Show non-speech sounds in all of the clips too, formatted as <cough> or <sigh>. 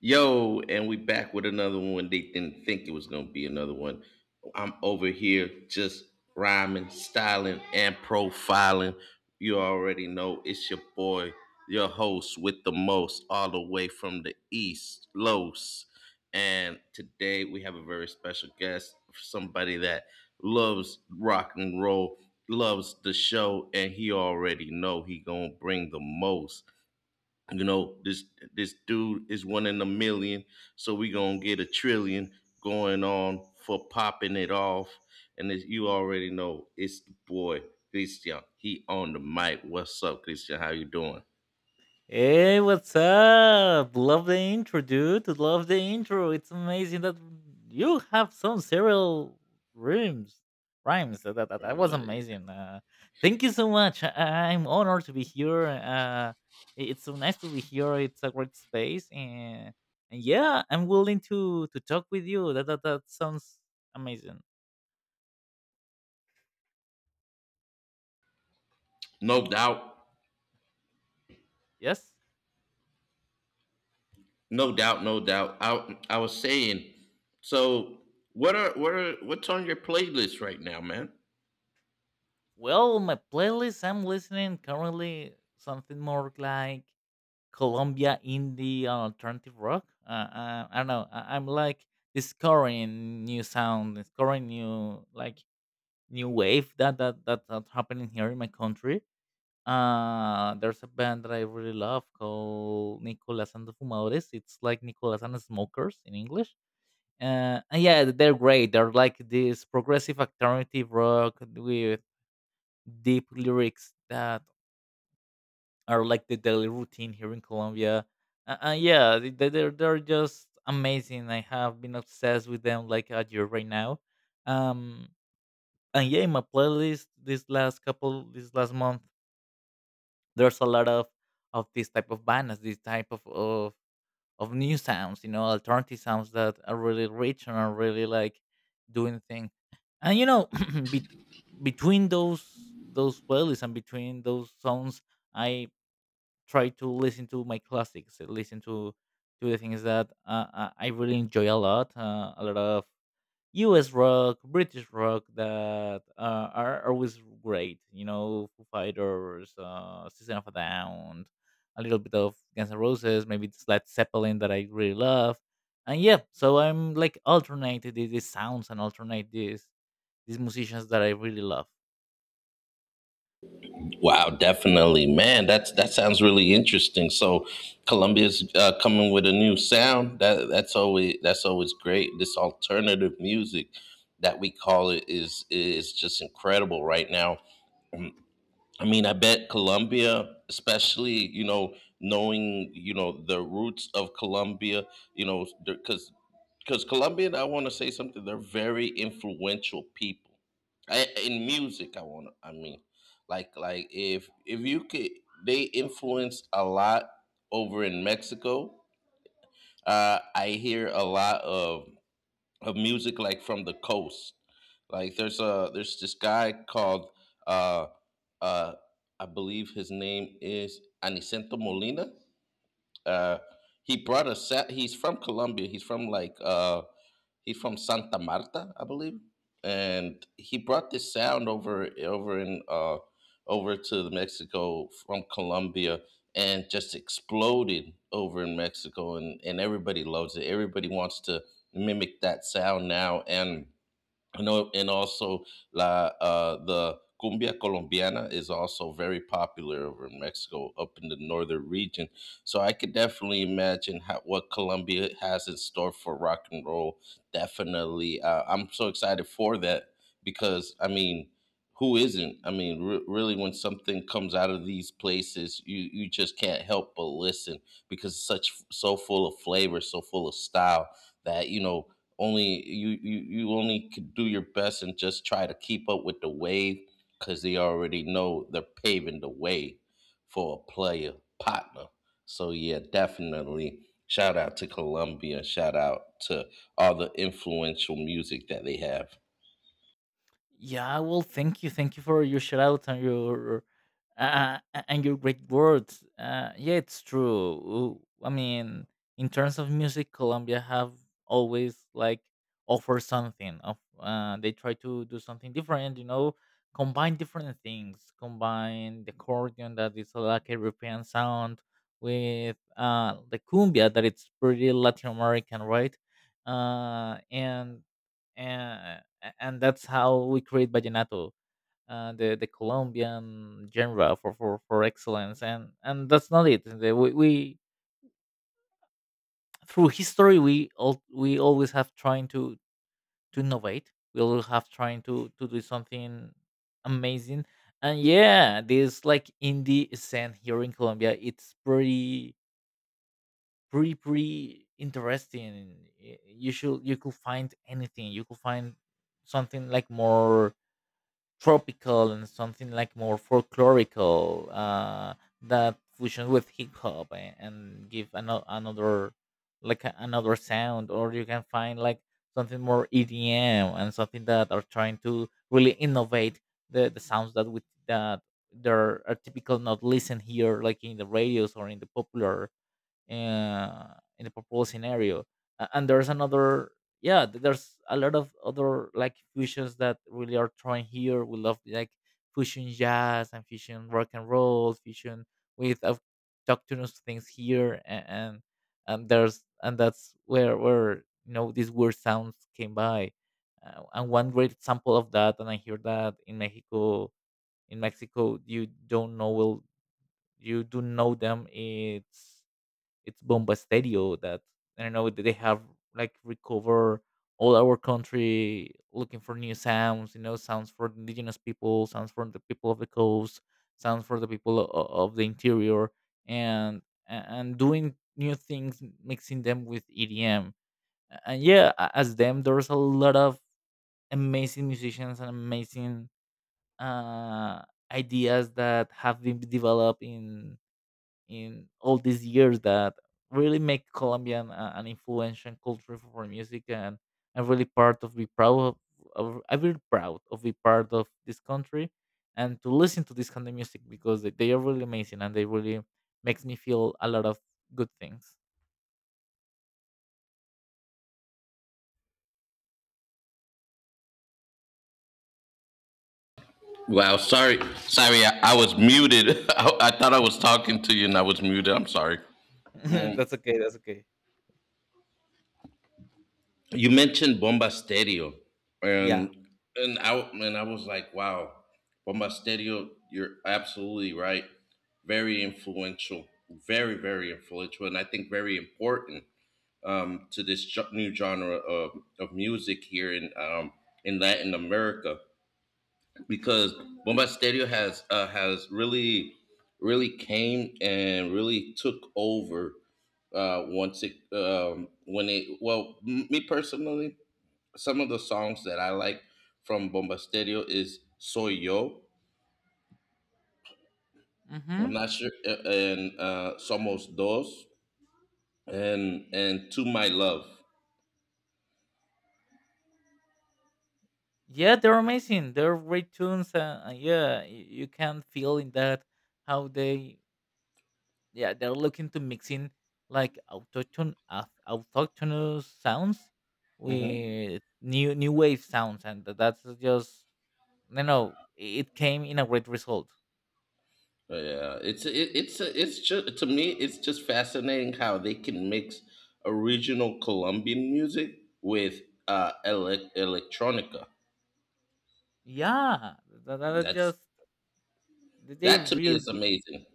Yo, and we back with another one. They didn't think it was gonna be another one. I'm over here just rhyming, styling, and profiling. You already know it's your boy, your host with the most, all the way from the East, Los. And today we have a very special guest, somebody that loves rock and roll, loves the show, and he already know he gonna bring the most you know this this dude is one in a million, so we gonna get a trillion going on for popping it off. And as you already know, it's the boy Christian. He on the mic. What's up, Christian? How you doing? Hey, what's up? Love the intro, dude. Love the intro. It's amazing that you have some serial rhymes. Rhymes. That was Uh, amazing. Thank you so much. I'm honored to be here. It's so nice to be here. It's a great space, and yeah, I'm willing to talk with you. That sounds amazing. no doubt, Yes. no doubt, no doubt. I was saying, so what's on your playlist right now, man? Well, my playlist. I'm listening currently something more like Colombia indie alternative rock. I don't know. I'm like discovering new sound, discovering new like new wave that that's happening here in my country. There's a band that I really love called Nicolas and the Fumadores. It's like Nicolas and the Smokers in English. And yeah, they're great. They're like this progressive alternative rock with deep lyrics that or like the daily routine here in Colombia. Yeah, they're they're just amazing. I have been obsessed with them like a year right now. Um, and yeah, in my playlist this last couple this last month, there's a lot of this type of bands, this type of new sounds, you know, alternative sounds that are really rich and are really like doing things. And you know, <clears throat> bet between those playlists and between those songs, I try to listen to my classics, listen to the things that I really enjoy a lot. A lot of U.S. rock, British rock that are always great. You know, Foo Fighters, System of a Down, a little bit of Guns N' Roses, maybe it's Led Zeppelin that I really love. And yeah, so I'm like alternate these sounds and alternate these musicians that I really love. Wow, definitely, man. That sounds really interesting. So, Columbia's coming with a new sound. That's always great. This alternative music that we call it is just incredible right now. I mean, I bet Colombia, especially, you know, knowing, you know, the roots of Colombia, you know, because Colombian, I want to say something. They're very influential people in music. I want to. I mean, like if you could, they influence a lot over in Mexico. I hear a lot of music like from the coast. Like there's this guy called uh uh I believe his name is Anicento Molina. Uh he brought a set. He's from Colombia. He's from Santa Marta, I believe, and he brought this sound over to Mexico from Colombia, and just exploded over in Mexico, and everybody loves it. Everybody wants to mimic that sound now, and I know, and also la the cumbia colombiana is also very popular over in Mexico, up in the northern region. So I could definitely imagine how, what Colombia has in store for rock and roll. Definitely, I'm so excited for that, because I mean, who isn't? I mean, really, when something comes out of these places, you just can't help but listen, because it's such so full of flavor, so full of style that only you only could do your best and just try to keep up with the wave, because they already know they're paving the way for a player partner. So yeah, definitely. Shout out to Columbia. Shout out to all the influential music that they have. Yeah, well, thank you for your shout out and your and your great words. Yeah, it's true. Ooh, I mean, in terms of music, Colombia have always like offer something. Of they try to do something different. You know, combine different things. Combine the accordion that is like European sound with the cumbia that it's pretty Latin American, right? Uh, and and and that's how we create vallenato, the Colombian genre for excellence, and that's not it. We through history we all we always have trying to innovate. We always have trying to do something amazing, and yeah, this like indie scene here in Colombia, it's pretty pretty interesting. You should you could find anything. You could find something like more tropical and something like more folklorical that fusion with hip hop and give another like another sound or you can find like something more EDM and something that are trying to really innovate the sounds that with that there are typical not listen here like in the radios or in the popular scenario. And there's another, yeah, there's a lot of other like fusions that really are trying here. We love like fusion jazz and fusion rock and roll, fusion with autochthonous things here, and there's and that's where you know these weird sounds came by. And one great example of that, and I hear that in Mexico, you don't know will you do know them. It's Bomba Stadio that I don't know that they have like recover all our country looking for new sounds, you know, sounds for indigenous people, sounds for the people of the coast, sounds for the people of the interior, and and doing new things, mixing them with EDM. And yeah, as them, there's a lot of amazing musicians and amazing uh, ideas that have been developed in all these years that really make Colombian an influential culture for music, and I'm really part of be proud of, I'm really proud of be part of this country and to listen to this kind of music because they are really amazing and they really makes me feel a lot of good things. Wow, sorry, sorry, I was muted. <laughs> I thought I was talking to you and I was muted. I'm sorry. <laughs> that's okay. That's okay. You mentioned Bomba Stereo, Yeah. and and I was like, wow, Bomba Stereo, you're absolutely right. Very influential, very, very influential, and I think very important, to this new genre of, music here in Latin America, because Bomba Stereo has, really came and really took over, once it, when it. Me personally, some of the songs that I like from Bombasterio is "Soy Yo." I'm Mm-hmm. not sure, and "Somos Dos," and "To My Love." Yeah, they're amazing. They're great tunes, and yeah, you can feel in that how they yeah they're looking to mix in like autochthonous sounds Hmm. with new new wave sounds and that's just you know it came in a great result Yeah, it's just, to me, it's just fascinating how they can mix original Colombian music with, electronica. yeah that That's just th- they that to me really is g- amazing.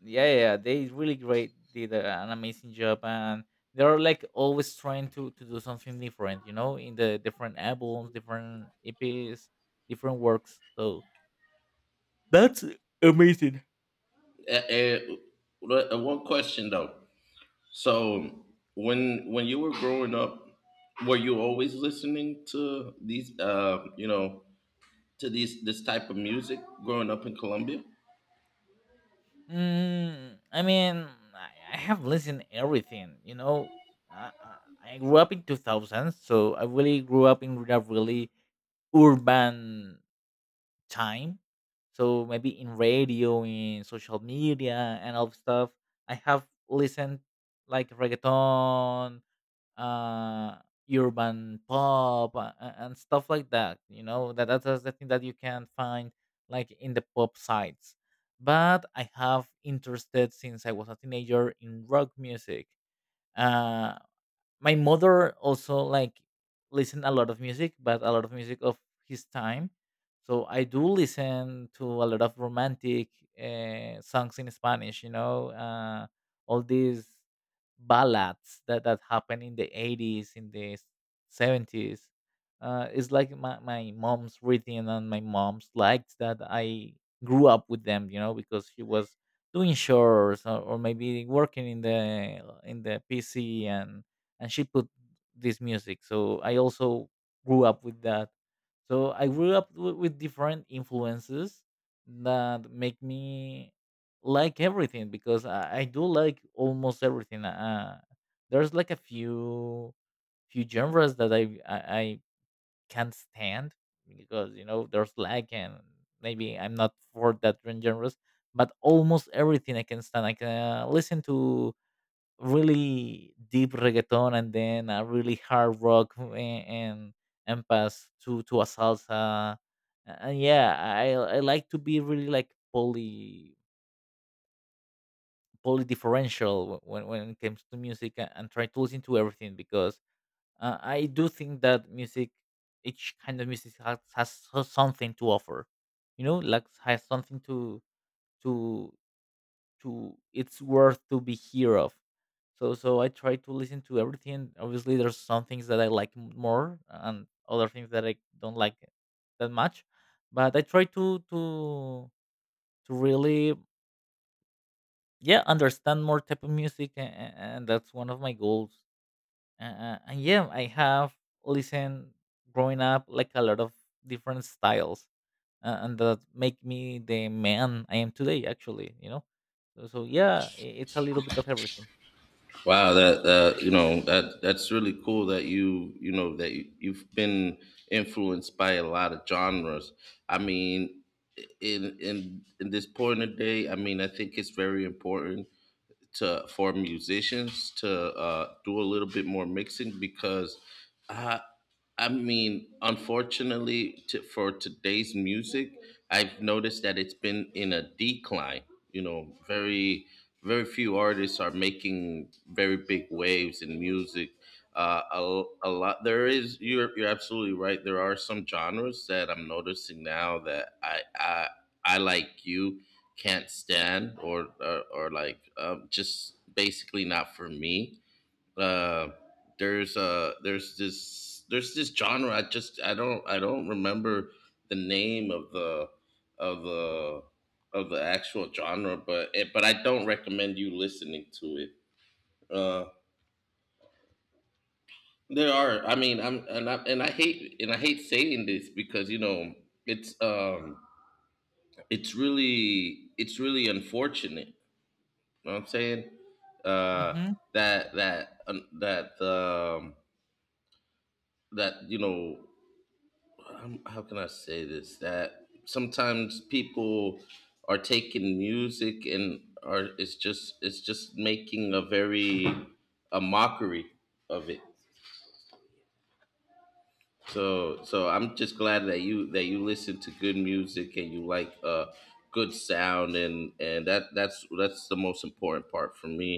yeah yeah, they really great did an amazing job and they're like always trying to do something different you know in the different albums different eps different works so that's amazing. One question, though. So, when you were growing up, were you always listening to these, this type of music growing up in Colombia? Mm, I mean, I have listened everything. You know, I, I I grew up in two thousands, so I really grew up in a really urban time so maybe in radio in social media and all stuff I have listened like reggaeton uh urban pop and stuff like that you know that that's the thing that you can find like in the pop sites but I have interested since I was a teenager in rock music uh my mother also like listen a lot of music but a lot of music of his time so I do listen to a lot of romantic songs in spanish you know all these ballads that that happened in the 80s in the 70s. It's like my mom's reading and my mom's liked that I grew up with them you know because she was doing chores or maybe working in the pc and she put this music so I also grew up with that so I grew up with different influences that make me like everything because I do like almost everything. There's like a few few genres that I can't stand because you know there's lag and maybe I'm not for that genres but almost everything I can stand I can listen to really deep reggaeton and then a really hard rock and and pass to a salsa and yeah I like to be really like poly differential when it comes to music and try to listen to everything because I do think that music each kind of music has something to offer you know like has something to to it's worth to be here of. So so I try to listen to everything. Obviously, there's some things that I like more and other things that I don't like that much. But I try to really yeah understand more type of music, and that's one of my goals. And yeah, I have listened growing up like a lot of different styles, and that make me the man I am today. Actually, you know. So, so yeah, it's a little bit of everything. Wow, that, you know, that's really cool that you, you've been influenced by a lot of genres. I mean, in this point of day. I mean, I think it's very important, to for musicians to, do a little bit more mixing, because I I mean unfortunately, for today's music, I've noticed that it's been in a decline. You know, very, very few artists are making very big waves in music. Uh, a, a lot there is you're, you're absolutely right, there are some genres that I'm noticing now that, I like you, can't stand, or like, just basically not for me. Uh, there's this genre. I don't remember the name of of the the actual genre, but, but I don't recommend you listening to it. Uh, there are, I mean, I'm and I hate saying this, because, it's um it's really unfortunate, know what I'm saying? Uh, Mm-hmm. that that that that How can I say this? That sometimes people are taking music and are it's just making a mockery of it. So I'm just glad that you listen to good music, and you like good sound, and that's the most important part for me.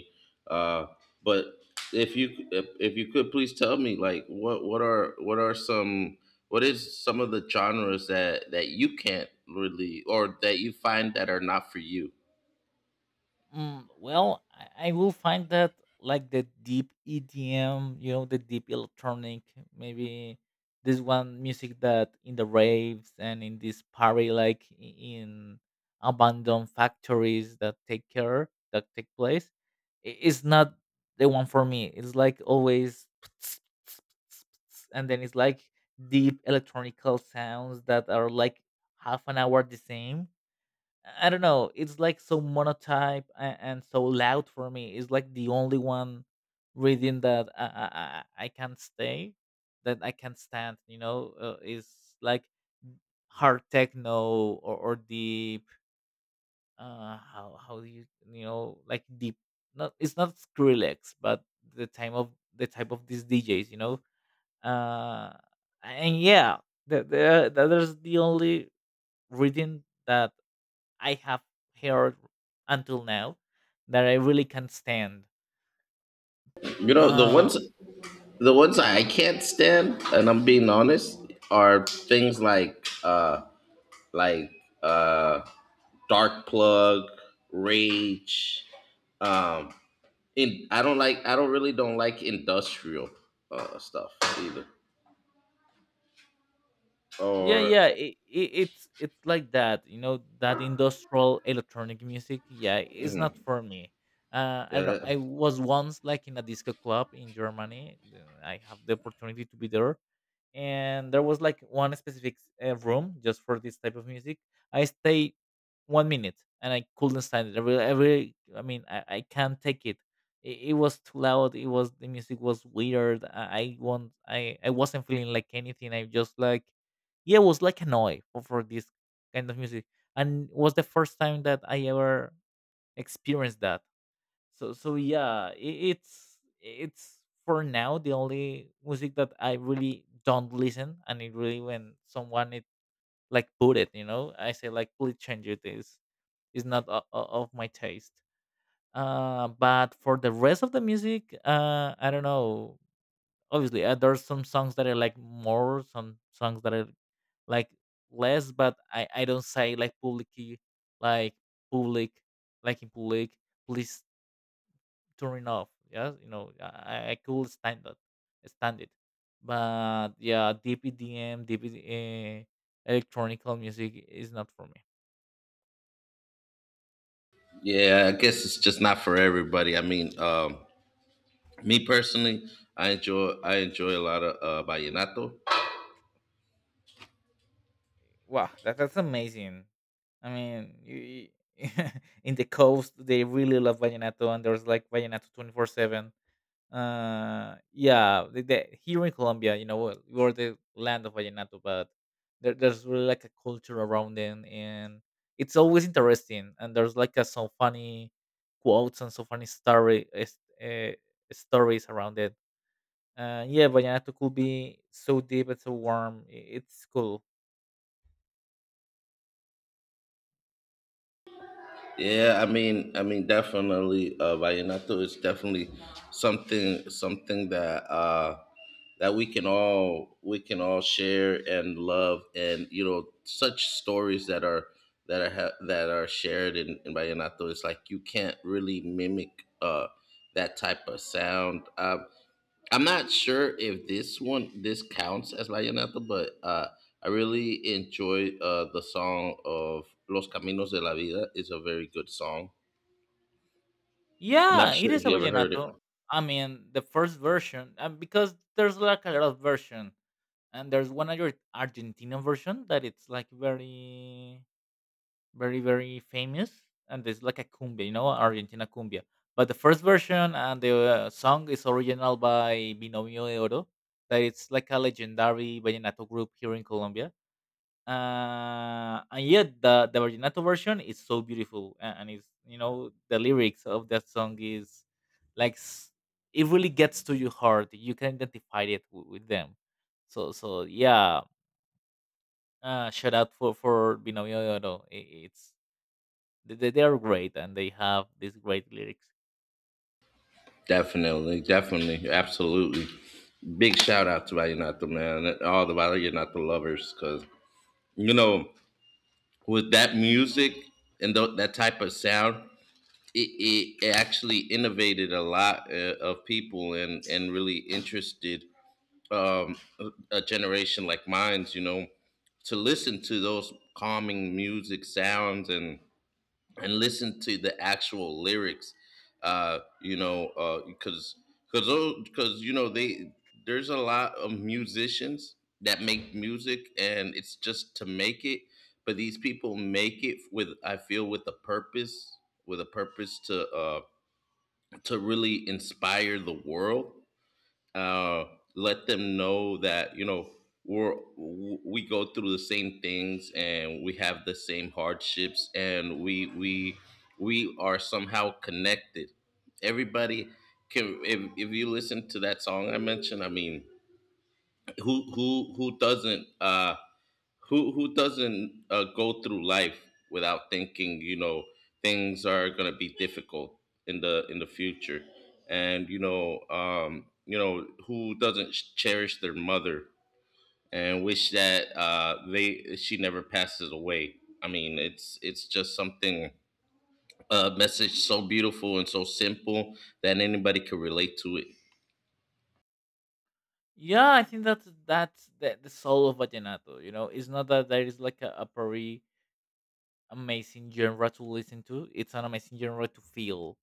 Uh but if you could, please tell me, like, what is some of the genres that you can't really, or that you find, that are not for you? Mm, well, I will find that like the deep EDM, you know, the deep electronic, maybe this one music that in the raves and in this party, like in abandoned factories that take care, that take place, is not the one for me. It's like always, <tsk> and then it's like deep electronical sounds that are like half an hour the same I don't know. It's like so monotype and so loud for me. It's like the only one reading that I can't stay, that I can't stand. You know, is like hard techno or deep. How do you you know like deep? Not it's not Skrillex, but the time of the type of these DJs. You know, uh, and yeah, that is the only reading that I have heard until now that I really can't stand. You know, Uh, the ones I can't stand, and I'm being honest, are things like, like uh. Dark Plug, Rage. Um, and I don't like. I don't really don't like industrial, stuff either. Or, yeah, it's like that, you know, that industrial electronic music. Yeah, it's not mhm, for me. I yeah, don't know. I was once like in a disco club in Germany. I have the opportunity to be there, and there was like one specific room just for this type of music. I stayed 1 minute and I couldn't stand it. I, really, I mean, I can't take it. It. It was too loud. It was the music was weird. I wasn't feeling like anything. I just like, yeah, it was like annoyed for this kind of music, and it was the first time that I ever experienced that so so yeah, it's for now the only music that I really don't listen, and it really when someone it like put it, you know, I say like please change it. Is not of my taste. But for the rest of the music, I don't know. Obviously, there's some songs that I like more, some songs that I like less. But I don't say like publicly, like public, like in public. Please turning off. Yeah, I could stand that, stand it. But yeah, DPDM, DP, uh, electronical music is not for me. yeah. I guess it's just not for everybody. I mean, me personally, I enjoy. I enjoy a lot of vallenato. Wow, that's amazing. I mean, you- <laughs> in the coast, they really love vallenato, and there's like vallenato 24/7. Yeah, here in Colombia, you know, we- we're the land of vallenato, but there's really like a culture around it, and it's always interesting. And there's like a, some funny quotes and some funny story uh, stories around it. Yeah, vallenato could be so deep and so warm. It's cool. Yeah, I mean, definitely, vallenato is definitely something, that, that we can all share and love, and, you know, such stories that are shared in, vallenato. It's like you can't really mimic, that type of sound. I'm not sure if this counts as vallenato, but I really enjoy, the song of Los Caminos de la Vida. It's a very good song. Not Yeah, it sure is if a you ever heard it. vallenato. I mean, the first version, and because there's like a lot of version and there's one Argentina version that it's like very, very, very famous, and it's like a cumbia, you know, Argentina cumbia. But the first version and the song is original by Binomio de Oro, that it's like a legendary vallenato group here in Colombia. And yet the vallenato version is so beautiful, and it's you know the lyrics of that song is like it really gets to your heart. You can identify it with them, so so yeah, shout out for Binomio de Oro. It's they are great and they have these great lyrics. Definitely, definitely, absolutely. Big shout out to Vallenato, man, and all the Vallenato lovers, because, you know, with that music and, that type of sound, it, it actually innovated a lot, of people, and, really interested, a generation like mine's, you know, to listen to those calming music sounds, and listen to the actual lyrics, you know, because because because, you know, they there's a lot of musicians that make music and it's just to make it, but these people make it with, I feel, with a purpose, to, to really inspire the world, uh, let them know that, you know, we go through the same things, and we have the same hardships, and we are somehow connected. Everybody can, if you listen to that song I mentioned, I mean, who doesn't, who doesn't, go through life without thinking, you know, things are going to be difficult in the, future and, you know, who doesn't cherish their mother, and wish that, they she never passes away. I mean, it's, just something, a message so beautiful and so simple that anybody could relate to it. Yeah, I think that's the soul of vallenato. You know, it's not that there is like a very amazing genre to listen to. It's an amazing genre to feel.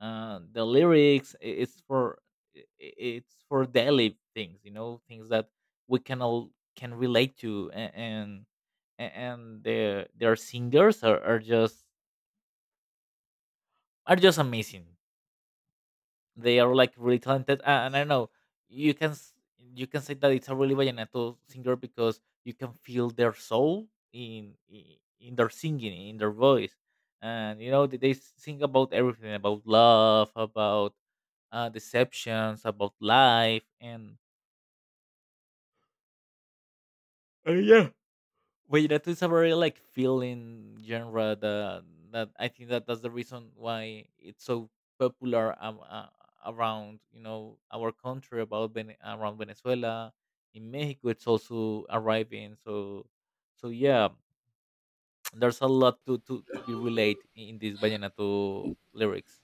The lyrics it's for daily things. You know, things that we can all can relate to and and their singers are, are just amazing. They are like really talented, and I don't know. You can you can say that it's a really vallenato singer because you can feel their soul in in their singing, in their voice, and you know they sing about everything, about love, about deceptions, about life, and yeah. But that is a very like feeling genre that that I think that that's the reason why it's so popular around you know our country about around Venezuela, in Mexico it's also arriving, so so yeah. <tsk> There's a lot to be relate in these vallenato lyrics.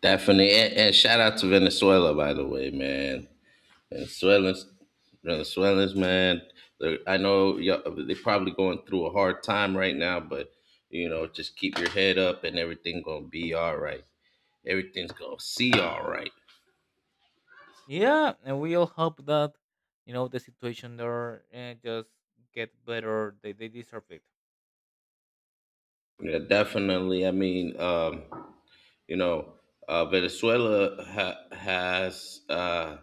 Definitely, and, shout out to Venezuela, by the way, man. Venezuelans, Venezuelans, man. They're, I know y'all, they're probably going through a hard time right now, but, you know, just keep your head up, and everything gonna be all right. Everything's gonna see all right. Yeah, and we all hope that you know the situation there just get better, they deserve it. Yeah, definitely. I mean, you know, Venezuela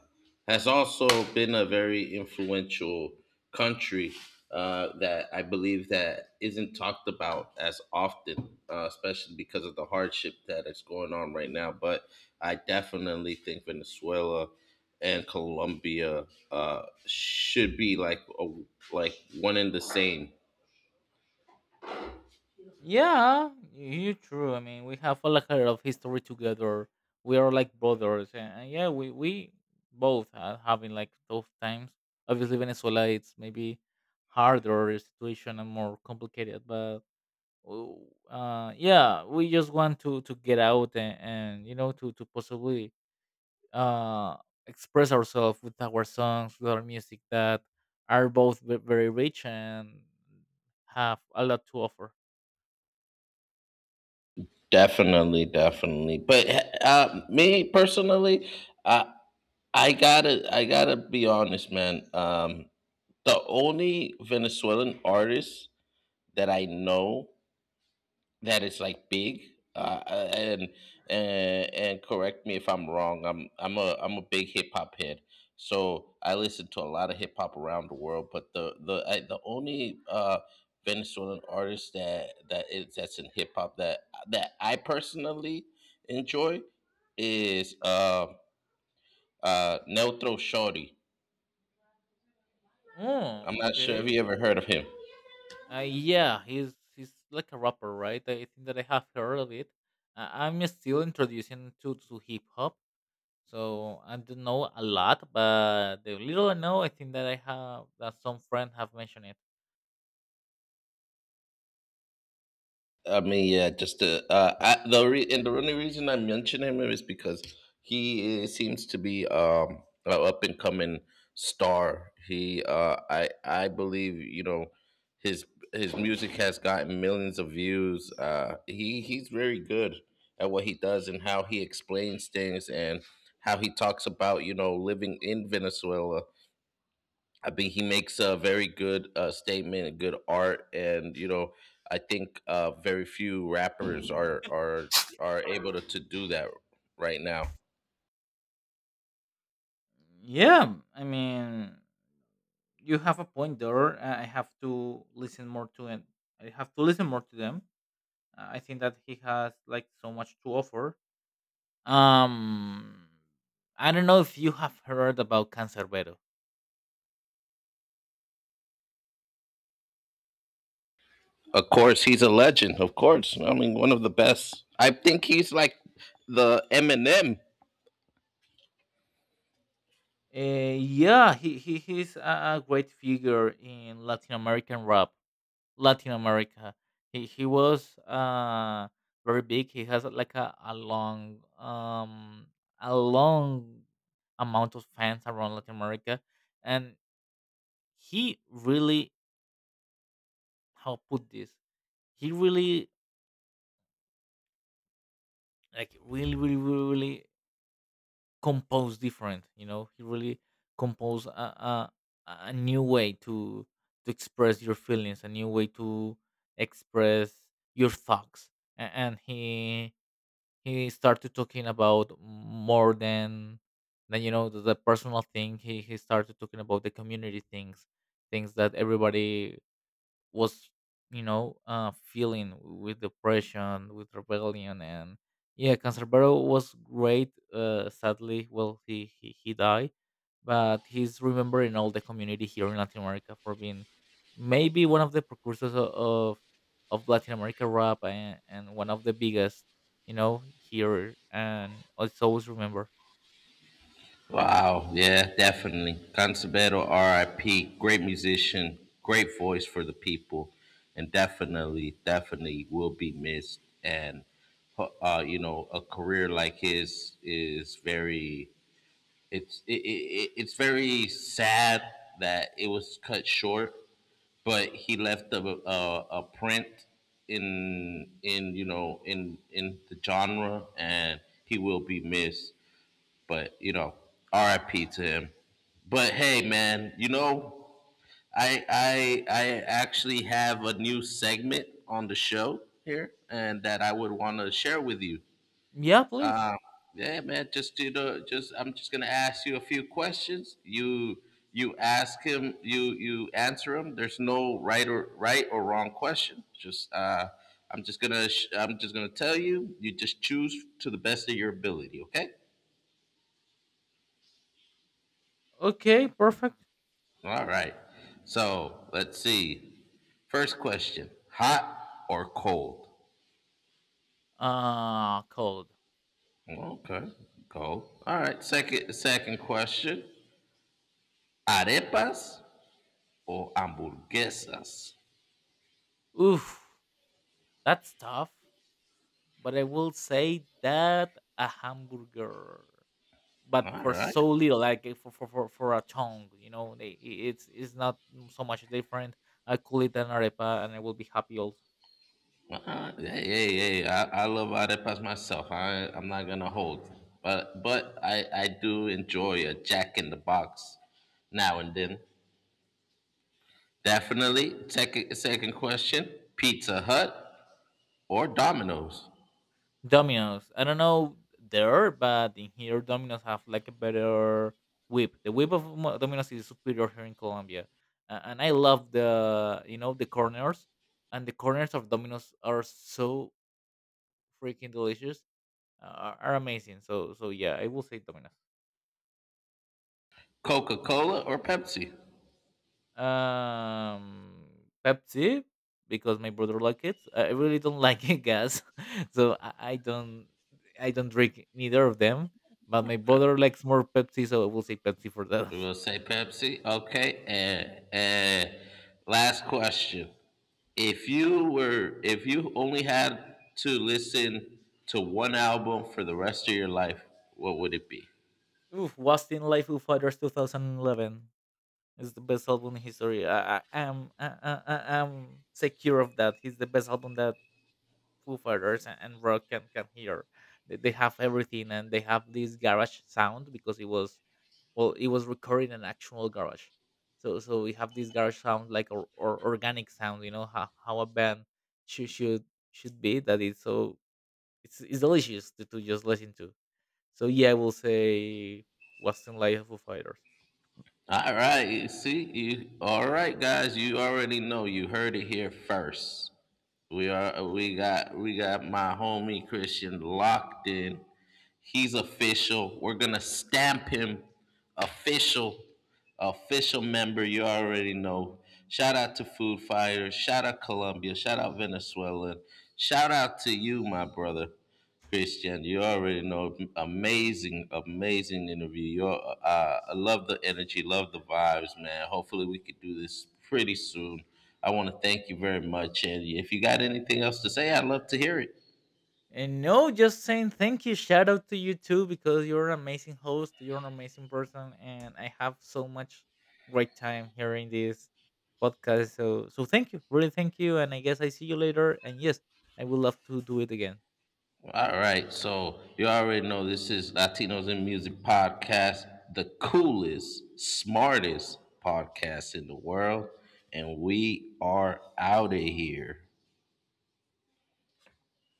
has also been a very influential country, that I believe that isn't talked about as often, especially because of the hardship that is going on right now. But I definitely think Venezuela and Colombia, should be like, like one and the same. Yeah, you true. I mean, we have a lot of history together. We are like brothers, and yeah, we both are having like tough times. Obviously, Venezuela it's maybe harder situation and more complicated, but yeah, we just want to get out and you know to possibly uh express ourselves with our songs, with our music that are both very rich and have a lot to offer. Definitely, definitely. But, me personally, I I gotta be honest, man. The only Venezuelan artist that I know that is like big, uh, and and correct me if I'm wrong. I'm a big hip hop head, so I listen to a lot of hip hop around the world. But the only, Venezuelan artist that's in hip hop that I personally enjoy is, Neutro Shorty. Oh, I'm not sure if okay. you ever heard of him. Yeah, he's like a rapper, right? I think that I have heard of it. I'm still introducing to hip hop, so I don't know a lot, but the little I know, I think that I have that some friend have mentioned it. I mean, yeah, just, and the only reason I mention him is because he is, seems to be, an up and coming star. He, I believe, you know, his his music has gotten millions of views. He's very good at what he does and how he explains things, and how he talks about, you know, living in Venezuela. I think he makes a very good, statement and good art, and, you know, I think, very few rappers are able to, do that right now. Yeah, I mean, you have a point there. I have to listen more to and I have to listen more to them. I think that he has like so much to offer. Um, I don't know if you have heard about Cancerbero. Of course, he's a legend. Of course, I mean, one of the best. I think he's like the Eminem. Yeah, he's a great figure in Latin American rap, Latin America. He was very big. He has like a long amount of fans around Latin America, and he really how put this. He really like really really really really composed different you know he really composed a, a new way to express your feelings, a new way to express your thoughts. And he started talking about more than you know the personal thing, he started talking about the community things, things that everybody was you know feeling with depression, with rebellion, and yeah, Cancerbero was great. Sadly, well he died, but he's remembered in all the community here in Latin America for being maybe one of the precursors of Latin America rap and one of the biggest, you know, here, and it's always remembered. Wow, yeah, definitely. Canserbero, R.I.P., great musician, great voice for the people, and definitely, definitely will be missed. And, you know, a career like his is very, it's it, it, it's very sad that it was cut short, but he left a print in, in the genre, and he will be missed. But, you know, R.I.P. to him. But hey, man, you know, I actually have a new segment on the show here, and that I would want to share with you. Yeah, please. Um, yeah, man, just do the just, I'm just gonna ask you a few questions. You ask him, you answer him. There's no right or wrong question. Just, I'm just gonna tell you. You just choose to the best of your ability. Okay. Okay, perfect. All right. So let's see. First question: hot or cold? Cold. Okay, cold. All right. Second question: arepas or hamburguesas? Oof, that's tough. But I will say that a hamburger, but All for right. so little, like for a tongue, you know, they, it's not so much different. I call it an arepa, and I will be happy also. All right. Hey, hey, hey! I love arepas myself. I'm not gonna hold, but I do enjoy a Jack in the Box now and then. Definitely. Second question: Pizza Hut or Domino's? Domino's. I don't know there, but in here Domino's have like a better whip. The whip of Domino's is superior here in Colombia, and I love the you know the corners, and the corners of Domino's are so freaking delicious, are amazing. So so yeah, I will say Domino's. Coca Cola or Pepsi? um Pepsi, because my brother like it. I really don't <laughs> like it gas, <laughs> so I don't, I don't drink neither of them. But my Okay. brother likes more Pepsi, so I will say Pepsi for that. We will say Pepsi. Okay. And last question: If you were, if you only had to listen to one album for the rest of your life, what would it be? <laughs> Oof, Lost in Life of Fighters 2011 is the best album in history. I am secure of that. He's the best album that Foo Fighters and rock can hear. They have everything and they have this garage sound because it was, well, it was recorded in an actual garage, so so we have this garage sound like or organic sound, you know, how a band should should should be, that is so it's delicious to just listen to. So yeah, I will say western life of Foo fighters. All right. You see, you all right, guys. You already know. You heard it here first. We are. We got. We got my homie Christian locked in. He's official. We're gonna stamp him official, official member. You already know. Shout out to Food Fire. Shout out Colombia. Shout out Venezuela. Shout out to you, my brother, Christian. You already know. Amazing, amazing interview. You're, I love the energy. Love the vibes, man. Hopefully, we could do this pretty soon. I want to thank you very much. And if you got anything else to say, I'd love to hear it. And no, just saying thank you, shout out to you too, because you're an amazing host, you're an amazing person, and I have so much great time hearing this podcast, so so thank you, really thank you, and I guess I see you later, and yes, I would love to do it again. All right, so you already know this is Latinos in Music Podcast, the coolest, smartest podcast in the world, and we are out of here.